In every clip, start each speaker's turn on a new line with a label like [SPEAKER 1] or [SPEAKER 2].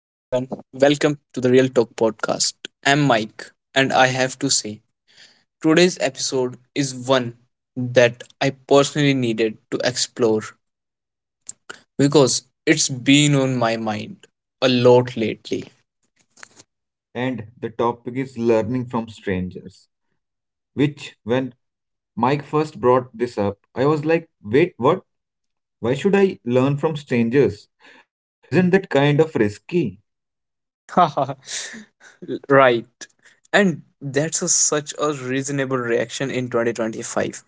[SPEAKER 1] welcome to the Real Talk podcast. I'm Mike, and I have to say, today's episode is one that I personally needed to explore because it's been on my mind a lot lately.
[SPEAKER 2] And the topic is learning from strangers. Which, when Mike first brought this up, I was like, wait, what? Why should I learn from strangers? Isn't that kind of risky?
[SPEAKER 1] Right. And that's such a reasonable reaction in 2025.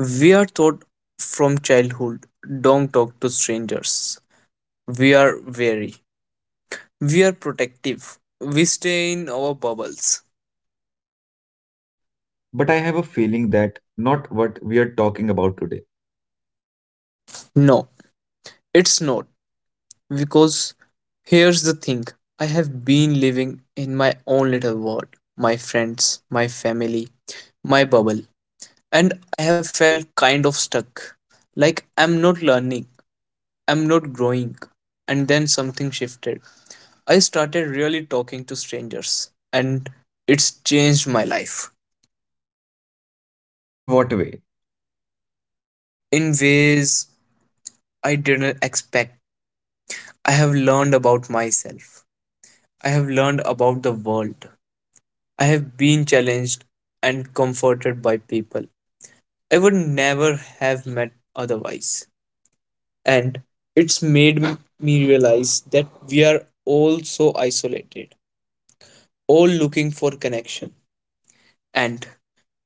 [SPEAKER 1] We are taught from childhood, don't talk to strangers. We are wary. We are protective. We stay in our bubbles.
[SPEAKER 2] But I have a feeling that not what we are talking about today.
[SPEAKER 1] No, it's not. Because here's the thing, I have been living in my own little world, my friends, my family, my bubble, and I have felt kind of stuck. Like, I'm not learning, I'm not growing. And then something shifted. I started really talking to strangers, and it's changed my life
[SPEAKER 2] In what way?
[SPEAKER 1] in ways I didn't expect. I have learned about myself. I have learned about the world. I have been challenged and comforted by people I would never have met otherwise. And it's made me realize that we are all so isolated, all looking for connection. And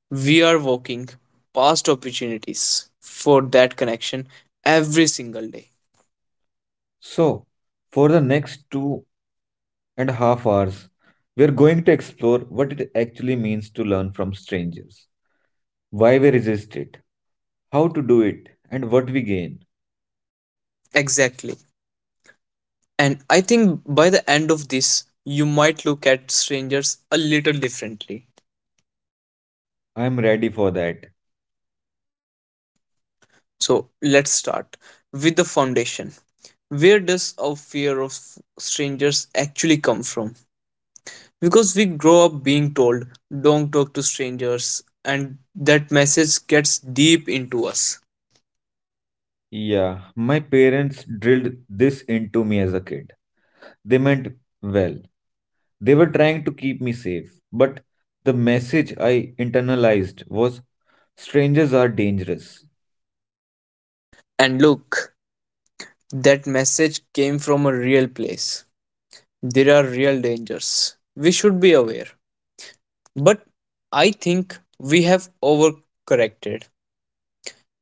[SPEAKER 1] we are walking past opportunities for that connection every single day.
[SPEAKER 2] So, for the next 2.5 hours, we are going to explore what it actually means to learn from strangers, why we resist it, how to do it, and what we gain.
[SPEAKER 1] Exactly. And I think by the end of this, you might look at strangers a little differently.
[SPEAKER 2] I am ready for that.
[SPEAKER 1] So let's start with the foundation. Where does our fear of strangers actually come from? Because we grow up being told, don't talk to strangers, and that message gets deep into us.
[SPEAKER 2] Yeah, my parents drilled this into me as a kid. They meant well. They were trying to keep me safe, but the message I internalized was strangers are dangerous.
[SPEAKER 1] And look, that message came from a real place. There are real dangers. We should be aware. But I think we have overcorrected.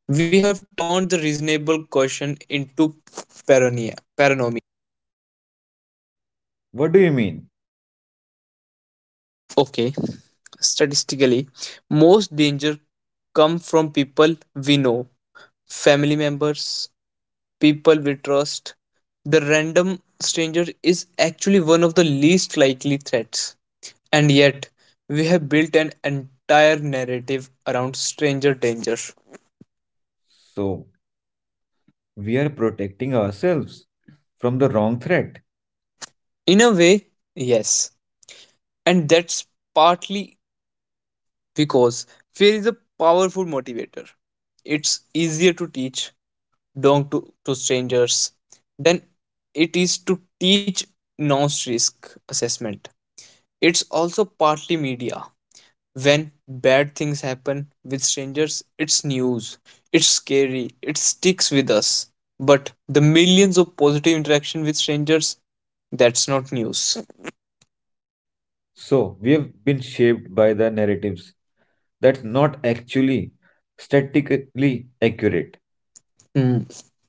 [SPEAKER 1] We have turned the reasonable question into paranoia. Paranoia.
[SPEAKER 2] What do you mean?
[SPEAKER 1] Okay, statistically, most danger come from people we know, family members, people we trust. The random stranger is actually one of the least likely threats. And yet, we have built an entire narrative around stranger danger.
[SPEAKER 2] So, we are protecting ourselves from the wrong threat.
[SPEAKER 1] In a way, yes. And that's partly because fear is a powerful motivator. It's easier to teach don't to strangers than it is to teach non risk assessment. It's also partly media. When bad things happen with strangers, it's news. It's scary. It sticks with us. But the millions of positive interaction with strangers, that's not news.
[SPEAKER 2] So, we have been shaped by the narratives that's not actually statistically accurate.
[SPEAKER 1] Hmm,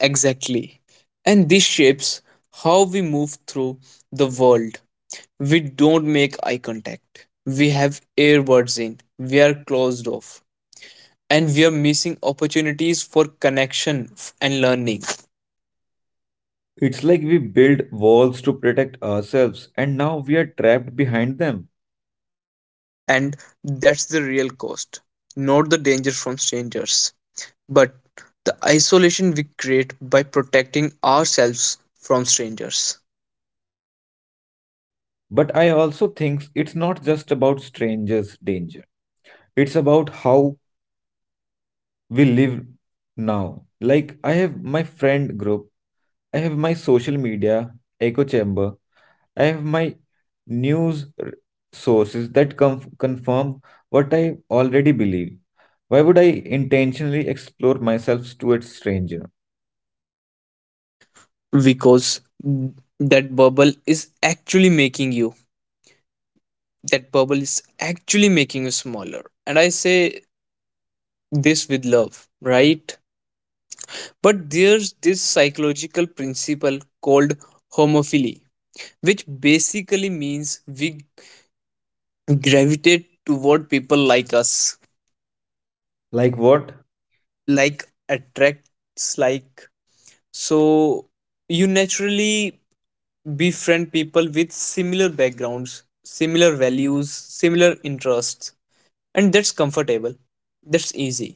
[SPEAKER 1] exactly. And this shapes how we move through the world. We don't make eye contact. We have earbuds in. We are closed off. And we are missing opportunities for connection and learning.
[SPEAKER 2] It's like we build walls to protect ourselves and now we are trapped behind them.
[SPEAKER 1] And that's the real cost, not the danger from strangers, but the isolation we create by protecting ourselves from strangers.
[SPEAKER 2] But I also think it's not just about strangers' danger. It's about how we live now. Like, I have my friend group, I have my social media echo chamber, I have my news r- sources that confirm what I already believe. Why would I intentionally explore myself to a stranger?
[SPEAKER 1] Because that bubble is actually making you, that bubble is actually making you smaller. And I say this with love, right? But there's this psychological principle called homophily, which basically means we gravitate toward people like us,
[SPEAKER 2] Like, what?
[SPEAKER 1] like attracts like. So you naturally befriend people with similar backgrounds, similar values, similar interests, and that's comfortable. That's easy.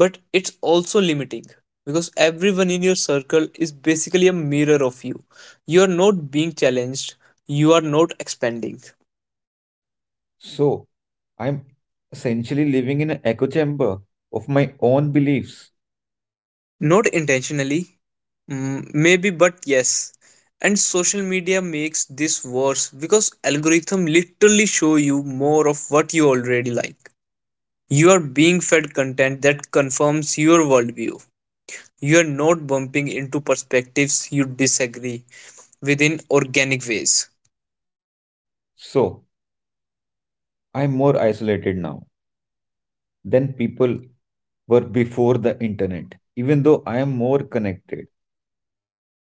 [SPEAKER 1] But it's also limiting, because everyone in your circle is basically a mirror of you. You are not being challenged, you are not expanding.
[SPEAKER 2] So, I'm essentially living in an echo chamber of my own beliefs.
[SPEAKER 1] Not intentionally, maybe, but yes. And social media makes this worse, because algorithm literally show you more of what you already like. You are being fed content that confirms your worldview. You are not bumping into perspectives you disagree within organic ways.
[SPEAKER 2] So, I'm more isolated now than people were before the internet, even though I am more connected.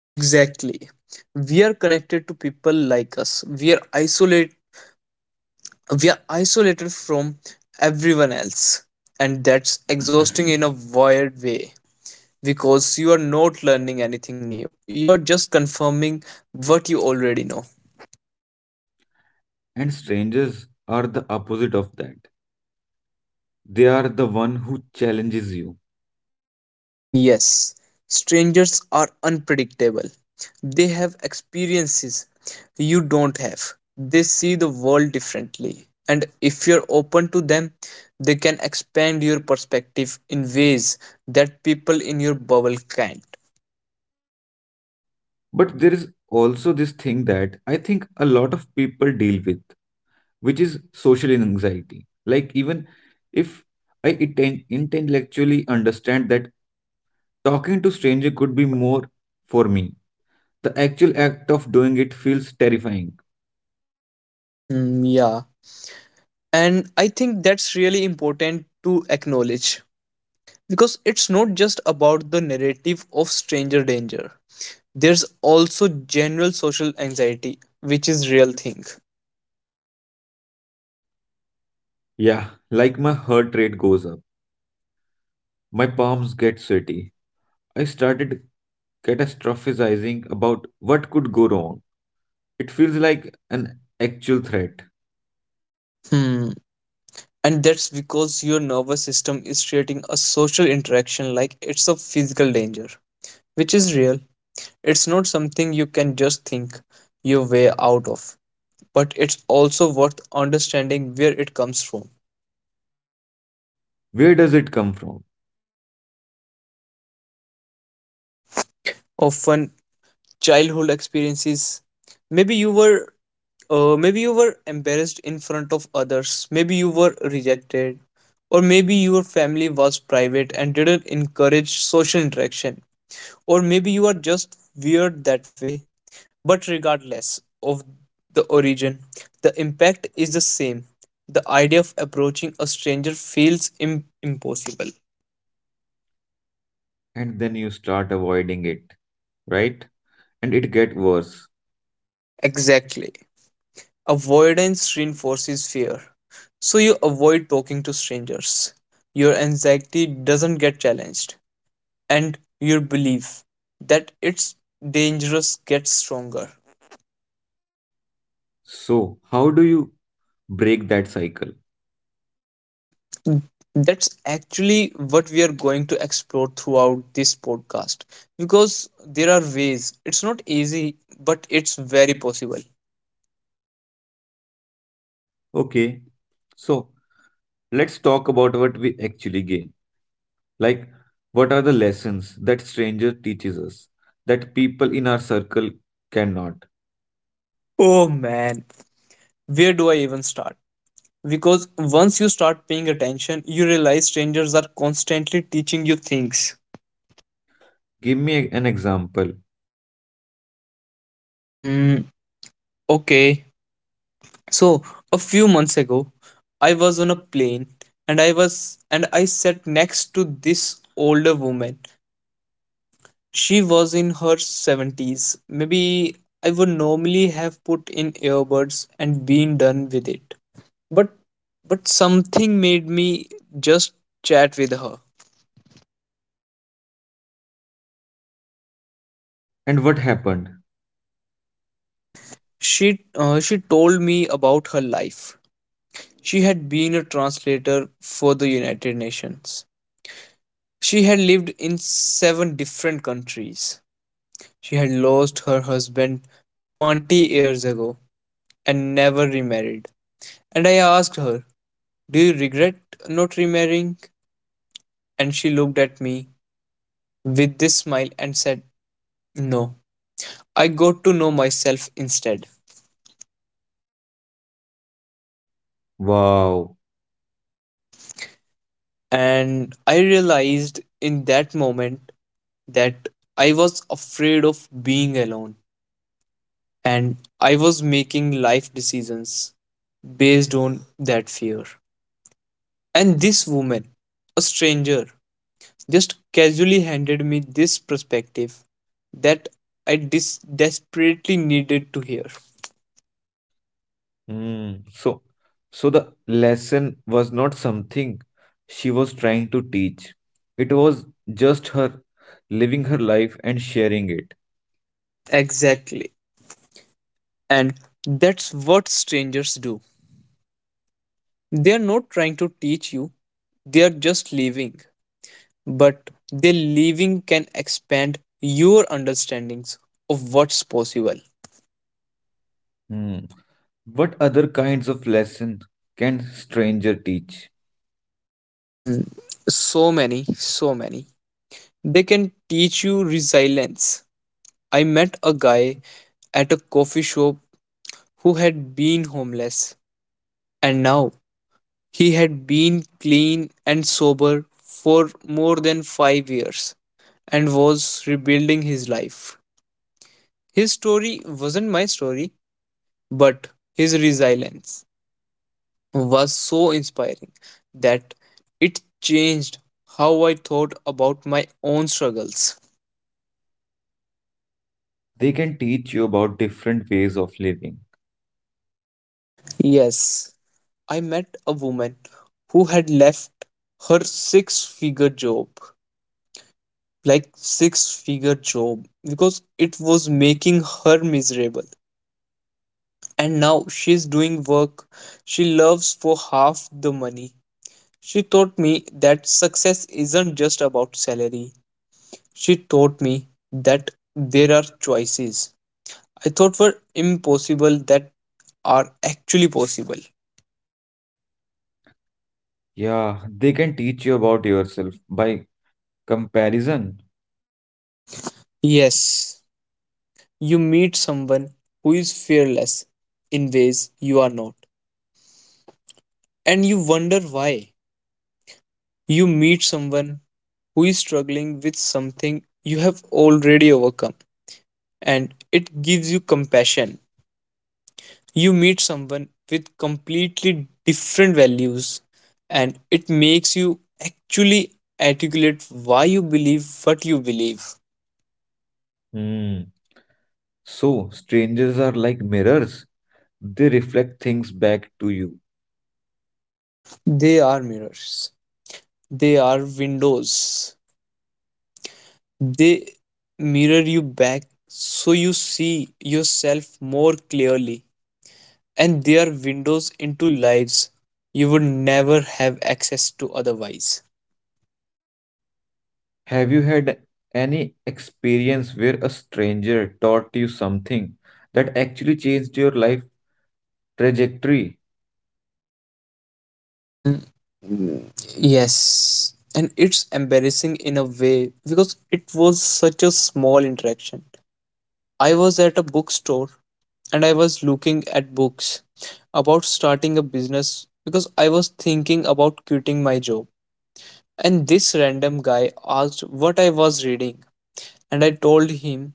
[SPEAKER 1] Exactly. We are connected to people like us. We are isolate we are isolated from everyone else. And that's exhausting in a weird way, because you are not learning anything new. You are just confirming what you already know.
[SPEAKER 2] And strangers are the opposite of that. They are the one who challenges you.
[SPEAKER 1] Yes, strangers are unpredictable. They have experiences you don't have. They see the world differently. And if you're open to them, they can expand your perspective in ways that people in your bubble can't.
[SPEAKER 2] But there is also this thing that I think a lot of people deal with, which is social anxiety. Like, even if I intellectually understand that talking to stranger could be more for me, the actual act of doing it feels terrifying.
[SPEAKER 1] Yeah. And I think that's really important to acknowledge, because it's not just about the narrative of stranger danger. There's also general social anxiety, which is real thing.
[SPEAKER 2] Yeah, like my heart rate goes up. My palms get sweaty. I started catastrophizing about what could go wrong. It feels like an actual threat.
[SPEAKER 1] Hmm. And that's because your nervous system is treating a social interaction like it's a physical danger, which is real. It's not something you can just think your way out of, but it's also worth understanding where it comes from.
[SPEAKER 2] Where does it come from?
[SPEAKER 1] Often, childhood experiences. Maybe you were, Maybe you were embarrassed in front of others. Maybe you were rejected, or maybe your family was private and didn't encourage social interaction. Or maybe you are just weird that way. But regardless of the origin, the impact is the same. The idea of approaching a stranger feels impossible.
[SPEAKER 2] And then you start avoiding it, right? And it get worse.
[SPEAKER 1] Exactly. Avoidance reinforces fear. So you avoid talking to strangers. Your anxiety doesn't get challenged, and your belief that it's dangerous gets stronger.
[SPEAKER 2] So, how do you break that cycle?
[SPEAKER 1] Mm, that's actually what we are going to explore throughout this podcast, because there are ways. It's not easy, but it's very possible.
[SPEAKER 2] Okay. So, let's talk about what we actually gain. Like, what are the lessons that stranger teaches us that people in our circle cannot?
[SPEAKER 1] Oh man, where do I even start? Because once you start paying attention, you realize strangers are constantly teaching you things.
[SPEAKER 2] Give me an example.
[SPEAKER 1] Mm, okay. So, a few months ago, I was on a plane and I was and I sat next to this older woman. She was in her 70s. Maybe. I would normally have put in earbuds and been done with it. But something made me just chat with her.
[SPEAKER 2] And what happened?
[SPEAKER 1] She told me about her life. She had been a translator for the United Nations. She had lived in seven different countries. She had lost her husband 20 years ago and never remarried. And I asked her, do you regret not remarrying? And she looked at me with this smile and said, no. I got to know myself instead.
[SPEAKER 2] Wow.
[SPEAKER 1] And I realized in that moment that I was afraid of being alone. And I was making life decisions based on that fear. And this woman, a stranger, just casually handed me this perspective that I desperately needed to hear.
[SPEAKER 2] Hmm. So, so the lesson was not something she was trying to teach. It was just her living her life and sharing it.
[SPEAKER 1] Exactly. And that's what strangers do. They are not trying to teach you, they are just leaving. But their leaving can expand your understandings of what's possible.
[SPEAKER 2] Hmm. What other kinds of lesson can stranger teach?
[SPEAKER 1] Hmm. So many, so many. They can teach you resilience. I met a guy at a coffee shop who had been homeless, and now he had been clean and sober for more than 5 years and was rebuilding his life. His story wasn't my story, but his resilience was so inspiring that it changed how I thought about my own struggles.
[SPEAKER 2] They can teach you about different ways of living.
[SPEAKER 1] Yes, I met a woman who had left her six figure job, like six figure job, because it was making her miserable. And now she's doing work she loves for half the money. She taught me that success isn't just about salary. She taught me that there are choices I thought were impossible that are actually possible.
[SPEAKER 2] Yeah, they can teach you about yourself by comparison.
[SPEAKER 1] Yes, you meet someone who is fearless in ways you are not, and you wonder why. You meet someone who is struggling with something you have already overcome, and it gives you compassion. You meet someone with completely different values, and it makes you actually articulate why you believe what you believe.
[SPEAKER 2] Hmm. So, strangers are like mirrors, they reflect things back to you.
[SPEAKER 1] They are mirrors, they are windows. They mirror you back so you see yourself more clearly, and they are windows into lives you would never have access to otherwise.
[SPEAKER 2] Have you had any experience where a stranger taught you something that actually changed your life trajectory?
[SPEAKER 1] Yes, and it's embarrassing in a way because it was such a small interaction. I was at a bookstore and I was looking at books about starting a business because I was thinking about quitting my job. And this random guy asked what I was reading, and I told him,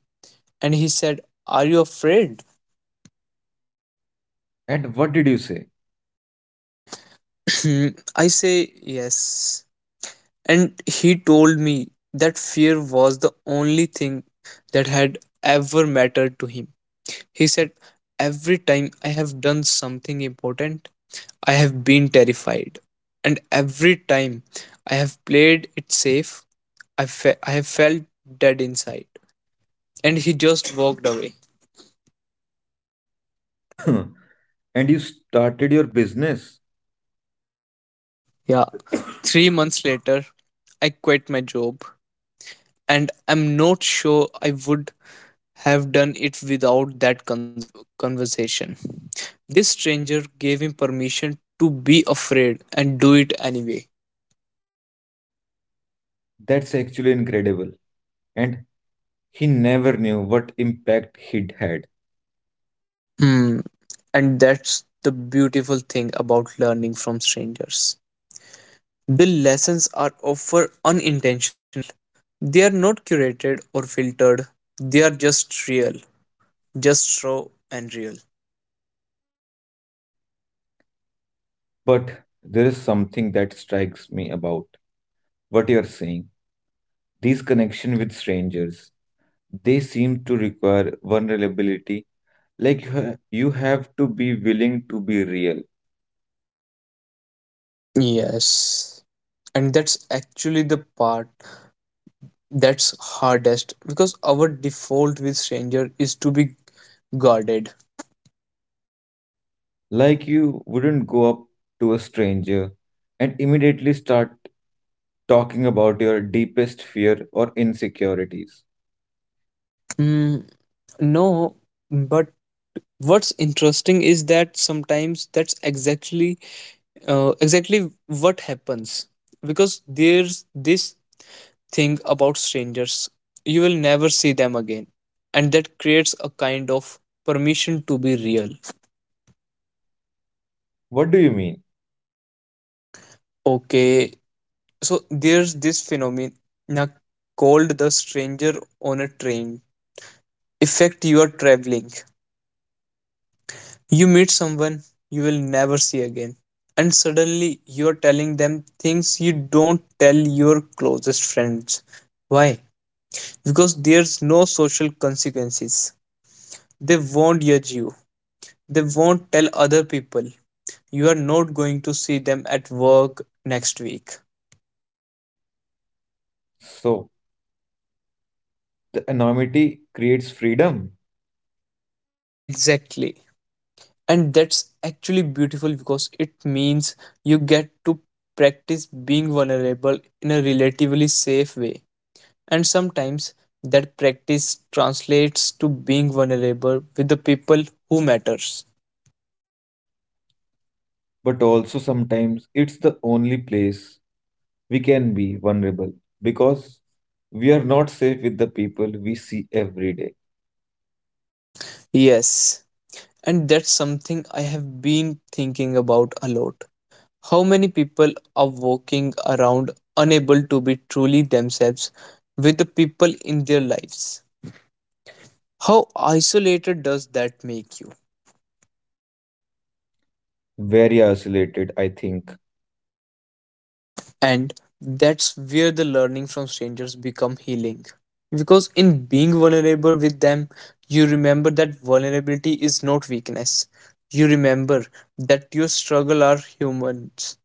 [SPEAKER 1] and he said, are you afraid?
[SPEAKER 2] And what did you say?
[SPEAKER 1] Hmm, I say, yes. And he told me that fear was the only thing that had ever mattered to him. He said, every time I have done something important, I have been terrified. And every time I have played it safe, I have felt dead inside. And he just walked away.
[SPEAKER 2] And you started your business?
[SPEAKER 1] Yeah. 3 months later, I quit my job. And I'm not sure I would have done it without that conversation. This stranger gave him permission to be afraid and do it anyway.
[SPEAKER 2] That's actually incredible. And he never knew what impact he'd had.
[SPEAKER 1] Hmm. And that's the beautiful thing about learning from strangers. The lessons are often unintentional. They are not curated or filtered. They are just real, just raw and real.
[SPEAKER 2] But there is something that strikes me about what you're saying. These connection with strangers, they seem to require vulnerability. Like you have to be willing to be real.
[SPEAKER 1] Yes. And that's actually the part that's hardest, because our default with stranger is to be guarded.
[SPEAKER 2] Like you wouldn't go up to a stranger and immediately start talking about your deepest fear or insecurities.
[SPEAKER 1] Mm, no, but what's interesting is that sometimes that's exactly what happens, because there's this thing about strangers, you will never see them again, and that creates a kind of permission to be real.
[SPEAKER 2] What do you mean?
[SPEAKER 1] Okay, so there's this phenomena called the stranger on a train effect. You are traveling, you meet someone you will never see again, and suddenly you are telling them things you don't tell your closest friends. Why? Because there's no social consequences. They won't judge you. They won't tell other people. You are not going to see them at work next week.
[SPEAKER 2] So, the anonymity creates freedom,
[SPEAKER 1] Exactly. And that's actually beautiful because it means you get to practice being vulnerable in a relatively safe way. And sometimes that practice translates to being vulnerable with the people who matters.
[SPEAKER 2] but also sometimes it's the only place we can be vulnerable because we are not safe with the people we see every day.
[SPEAKER 1] Yes. And that's something I have been thinking about a lot. How many people are walking around unable to be truly themselves with the people in their lives? How isolated does that make you?
[SPEAKER 2] Very isolated, I think.
[SPEAKER 1] And that's where the learning from strangers become healing. Because in being vulnerable with them, you remember that vulnerability is not weakness. You remember that your struggle are humans.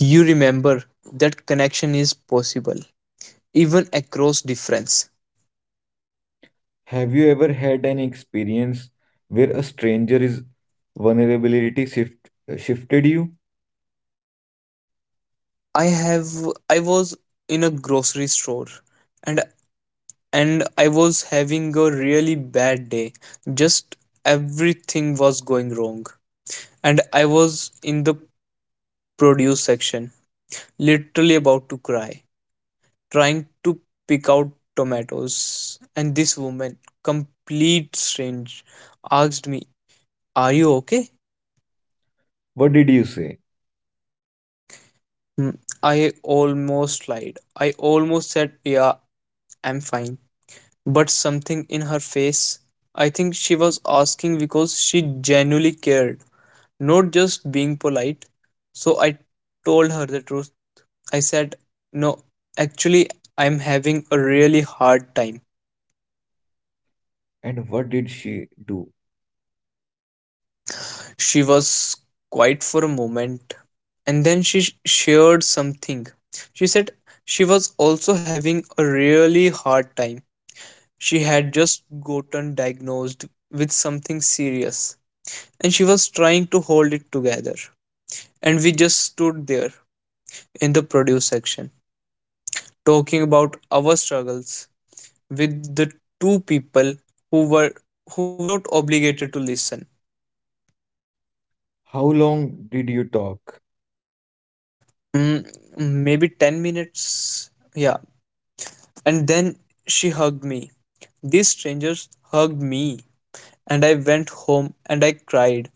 [SPEAKER 1] You remember that connection is possible, even across difference.
[SPEAKER 2] Have you ever had an experience where a stranger's vulnerability shift, shifted you?
[SPEAKER 1] I have I was in a grocery store and I was having a really bad day. Just everything was going wrong. And I was in the produce section, literally about to cry, trying to pick out tomatoes. And this woman, complete strange, asked me, "Are you okay?"
[SPEAKER 2] What did you say?
[SPEAKER 1] Hmm, I almost lied. I almost said, "Yeah, I'm fine," but something in her face. I think she was asking because she genuinely cared, not just being polite. So I told her the truth. I said, "No, actually, I'm having a really hard time."
[SPEAKER 2] And what did she do?
[SPEAKER 1] She was quiet for a moment and then she shared something. She said she was also having a really hard time. She had just gotten diagnosed with something serious and she was trying to hold it together. And we just stood there in the produce section talking about our struggles with the two people who were who were not obligated to listen.
[SPEAKER 2] How long did you talk?
[SPEAKER 1] Mm, Maybe 10 minutes. Yeah. And then she hugged me. These strangers hugged me and I went home and I cried.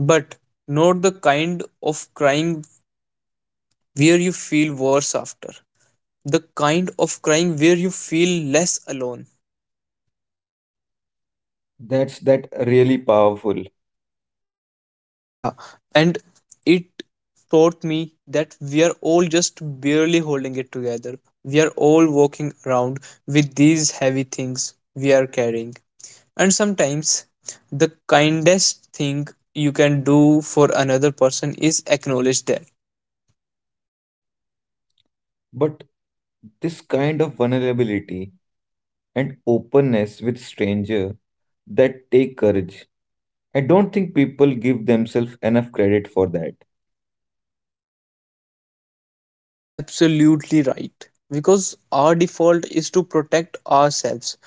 [SPEAKER 1] But not the kind of crying where you feel worse after. The kind of crying where you feel less alone.
[SPEAKER 2] That's that really powerful.
[SPEAKER 1] Yeah, and it taught me that we are all just barely holding it together. We are all walking around with these heavy things we are carrying. And sometimes the kindest thing you can do for another person is acknowledge that.
[SPEAKER 2] But this kind of vulnerability and openness with stranger that take courage, I don't think people give themselves enough credit for that.
[SPEAKER 1] You are absolutely right. Because our default is to protect ourselves,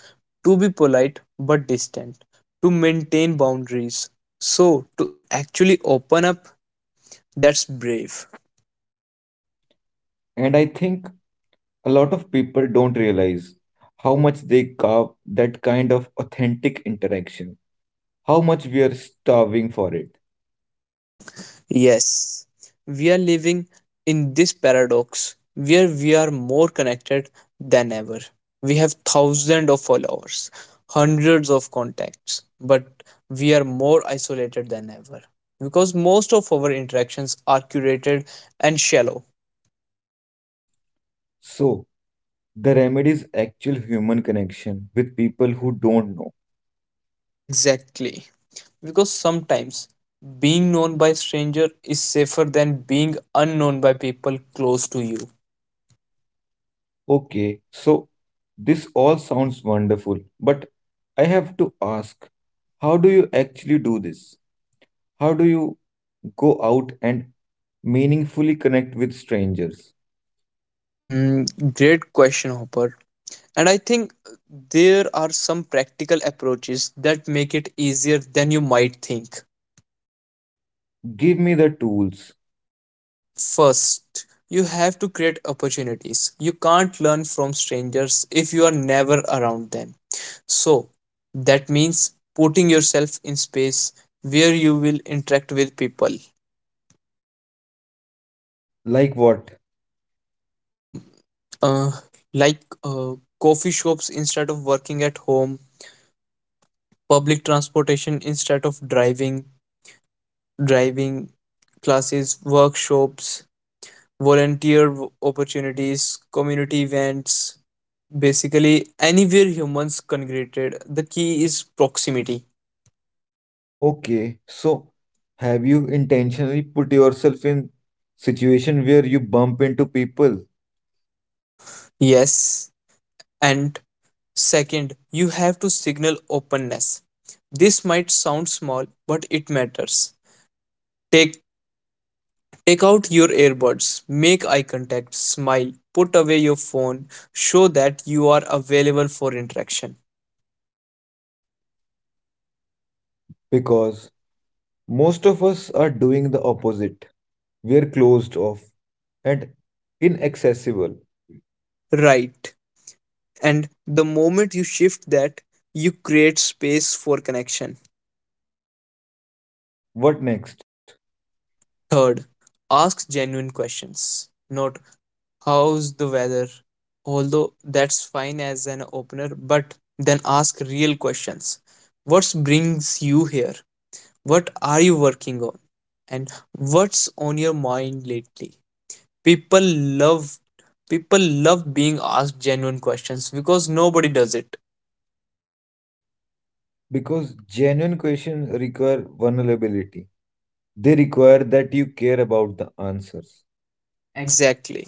[SPEAKER 1] to be polite but distant, to maintain boundaries. So, to actually open up, that's brave.
[SPEAKER 2] And I think a lot of people don't realize how much they carve that kind of authentic interaction, how much we are starving for it.
[SPEAKER 1] Yes, we are living in this paradox where we are more connected than ever. We have thousands of followers, hundreds of contacts, but we are more isolated than ever because most of our interactions are curated and shallow.
[SPEAKER 2] So, the remedy is actual human connection with people who don't know.
[SPEAKER 1] Exactly. Because sometimes being known by stranger is safer than being unknown by people close to you.
[SPEAKER 2] Okay, so this all sounds wonderful, but I have to ask, how do you actually do this? How do you go out and meaningfully connect with strangers?
[SPEAKER 1] Great question, Hopper. And I think there are some practical approaches that make it easier than you might think.
[SPEAKER 2] Give me the tools.
[SPEAKER 1] First, you have to create opportunities. You can't learn from strangers if you are never around them. So, that means putting yourself in space where you will interact with people.
[SPEAKER 2] Like what?
[SPEAKER 1] Um, uh, like coffee shops instead of working at home, public transportation instead of driving, driving classes, workshops, opportunities, community events, basically anywhere humans congregated. The key is proximity.
[SPEAKER 2] Okay, so have you intentionally put yourself in situation where you bump into people?
[SPEAKER 1] Yes. And second, you have to signal openness. This might sound small, but it matters. Take take out your earbuds, make eye contact, smile, put away your phone, show that you are available for interaction.
[SPEAKER 2] Because most of us are doing the opposite. We're closed off and inaccessible.
[SPEAKER 1] Right. And the moment you shift that, you create space for connection.
[SPEAKER 2] What next?
[SPEAKER 1] Third, ask genuine questions. Not how's the weather, although that's fine as an opener, but then ask real questions. What brings you here? What are you working on? And what's on your mind lately? People love People love being asked genuine questions because nobody does it.
[SPEAKER 2] Because genuine questions require vulnerability. They require that you care about the answers. Ex-
[SPEAKER 1] Exactly.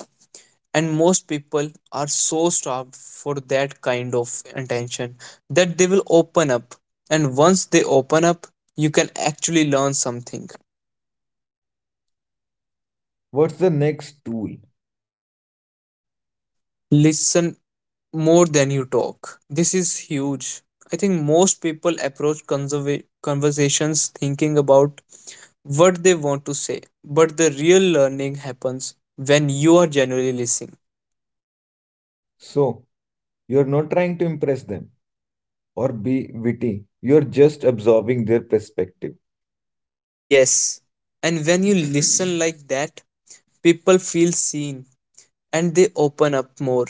[SPEAKER 1] And most people are so starved for that kind of attention that they will open up, and once they open up you can actually learn something.
[SPEAKER 2] What's the next tool?
[SPEAKER 1] Listen more than you talk. This is huge. I think most people approach conversations thinking about what they want to say, but the real learning happens when you are genuinely listening.
[SPEAKER 2] So, you're not trying to impress them or be witty. You're just absorbing their perspective.
[SPEAKER 1] Yes, and when you listen like that, people feel seen and they open up more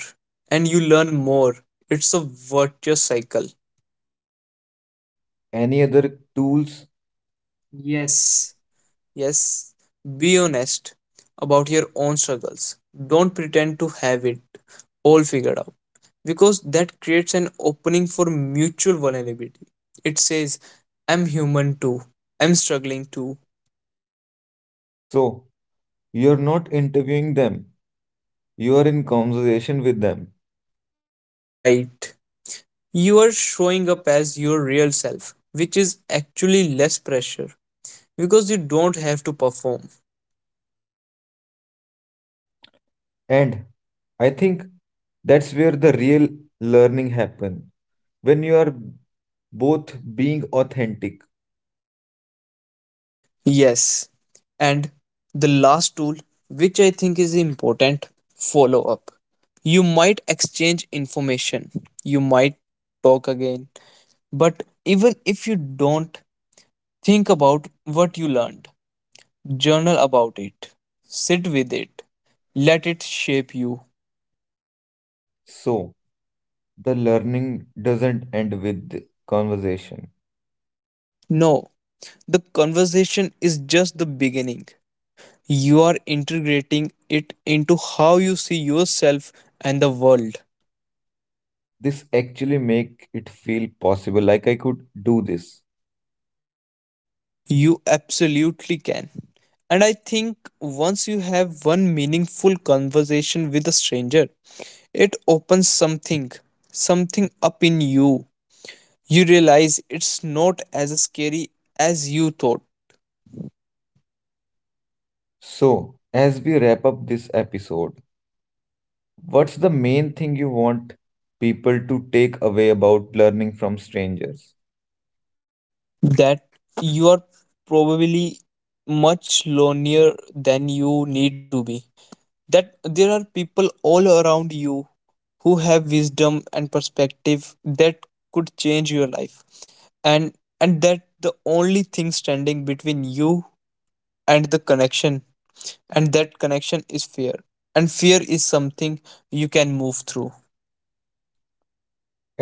[SPEAKER 1] and you learn more. It's a virtuous cycle.
[SPEAKER 2] Any other tools?
[SPEAKER 1] Yes, yes, be honest about your own struggles. Don't pretend to have it all figured out because that creates an opening for mutual vulnerability. It says, I'm human too, I'm struggling too.
[SPEAKER 2] So, you're not interviewing them, you are in conversation with them.
[SPEAKER 1] Right. You are showing up as your real self, which is actually less pressure because you don't have to perform.
[SPEAKER 2] And I think that's where the real learning happens, when you are both being authentic.
[SPEAKER 1] Yes. And the last tool, which I think is important, follow up. You might exchange information, you might talk again, but even if you don't, think about what you learned, journal about it, sit with it, let it shape you.
[SPEAKER 2] So, the learning doesn't end with conversation.
[SPEAKER 1] No, the conversation is just the beginning. You are integrating it into how you see yourself and the world.
[SPEAKER 2] This actually make it feel possible, like I could do this.
[SPEAKER 1] You absolutely can. And I think once you have one meaningful conversation with a stranger, it opens something, something up in you. You realize it's not as scary as you thought,
[SPEAKER 2] So, as we wrap up this episode, what's the main thing you want people to take away about learning from strangers?
[SPEAKER 1] that you are probably much lonelier than you need to be, that there are people all around you who have wisdom and perspective that could change your life, and and that the only thing standing between you and the connection and that connection is fear, and fear is something you can move through.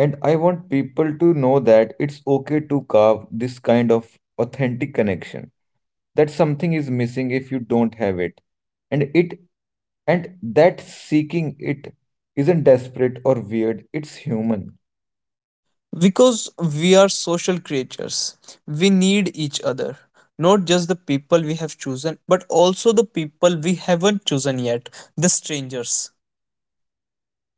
[SPEAKER 2] And I want people to know that it's okay to carve this kind of authentic connection. That something is missing if you don't have it. And it and that seeking it isn't desperate or weird, it's human.
[SPEAKER 1] Because we are social creatures, we need each other, not just the people we have chosen but also the people we haven't chosen yet, the strangers.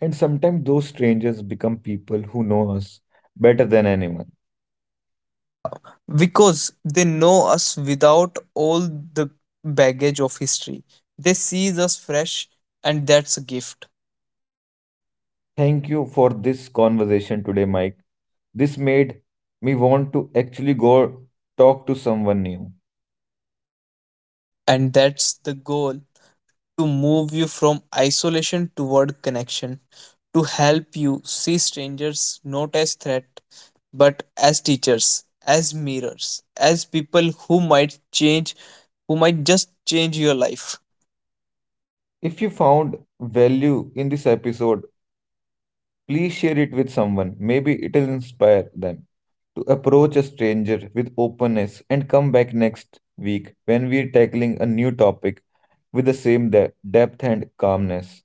[SPEAKER 2] And sometimes those strangers become people who know us better than anyone.
[SPEAKER 1] Yeah, because they know us without all the baggage of history. They sees us fresh, and that's a gift.
[SPEAKER 2] Thank you for this conversation today, Mike. This made me want to actually go talk to someone new.
[SPEAKER 1] And that's the goal, to move you from isolation toward connection, to help you see strangers not as threat, but as teachers, as mirrors, as people who might change, who might just change your life.
[SPEAKER 2] If you found value in this episode, please share it with someone. Maybe it'll inspire them to approach a stranger with openness, and come back next week when we're tackling a new topic with the same depth and calmness.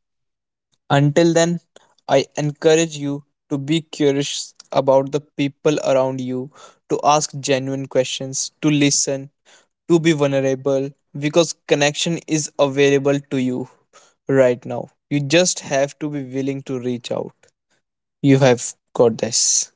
[SPEAKER 1] Until then, I encourage you to be curious about the people around you, to ask genuine questions, to listen, to be vulnerable because connection is available to you right now. You just have to be willing to reach out. You have got this.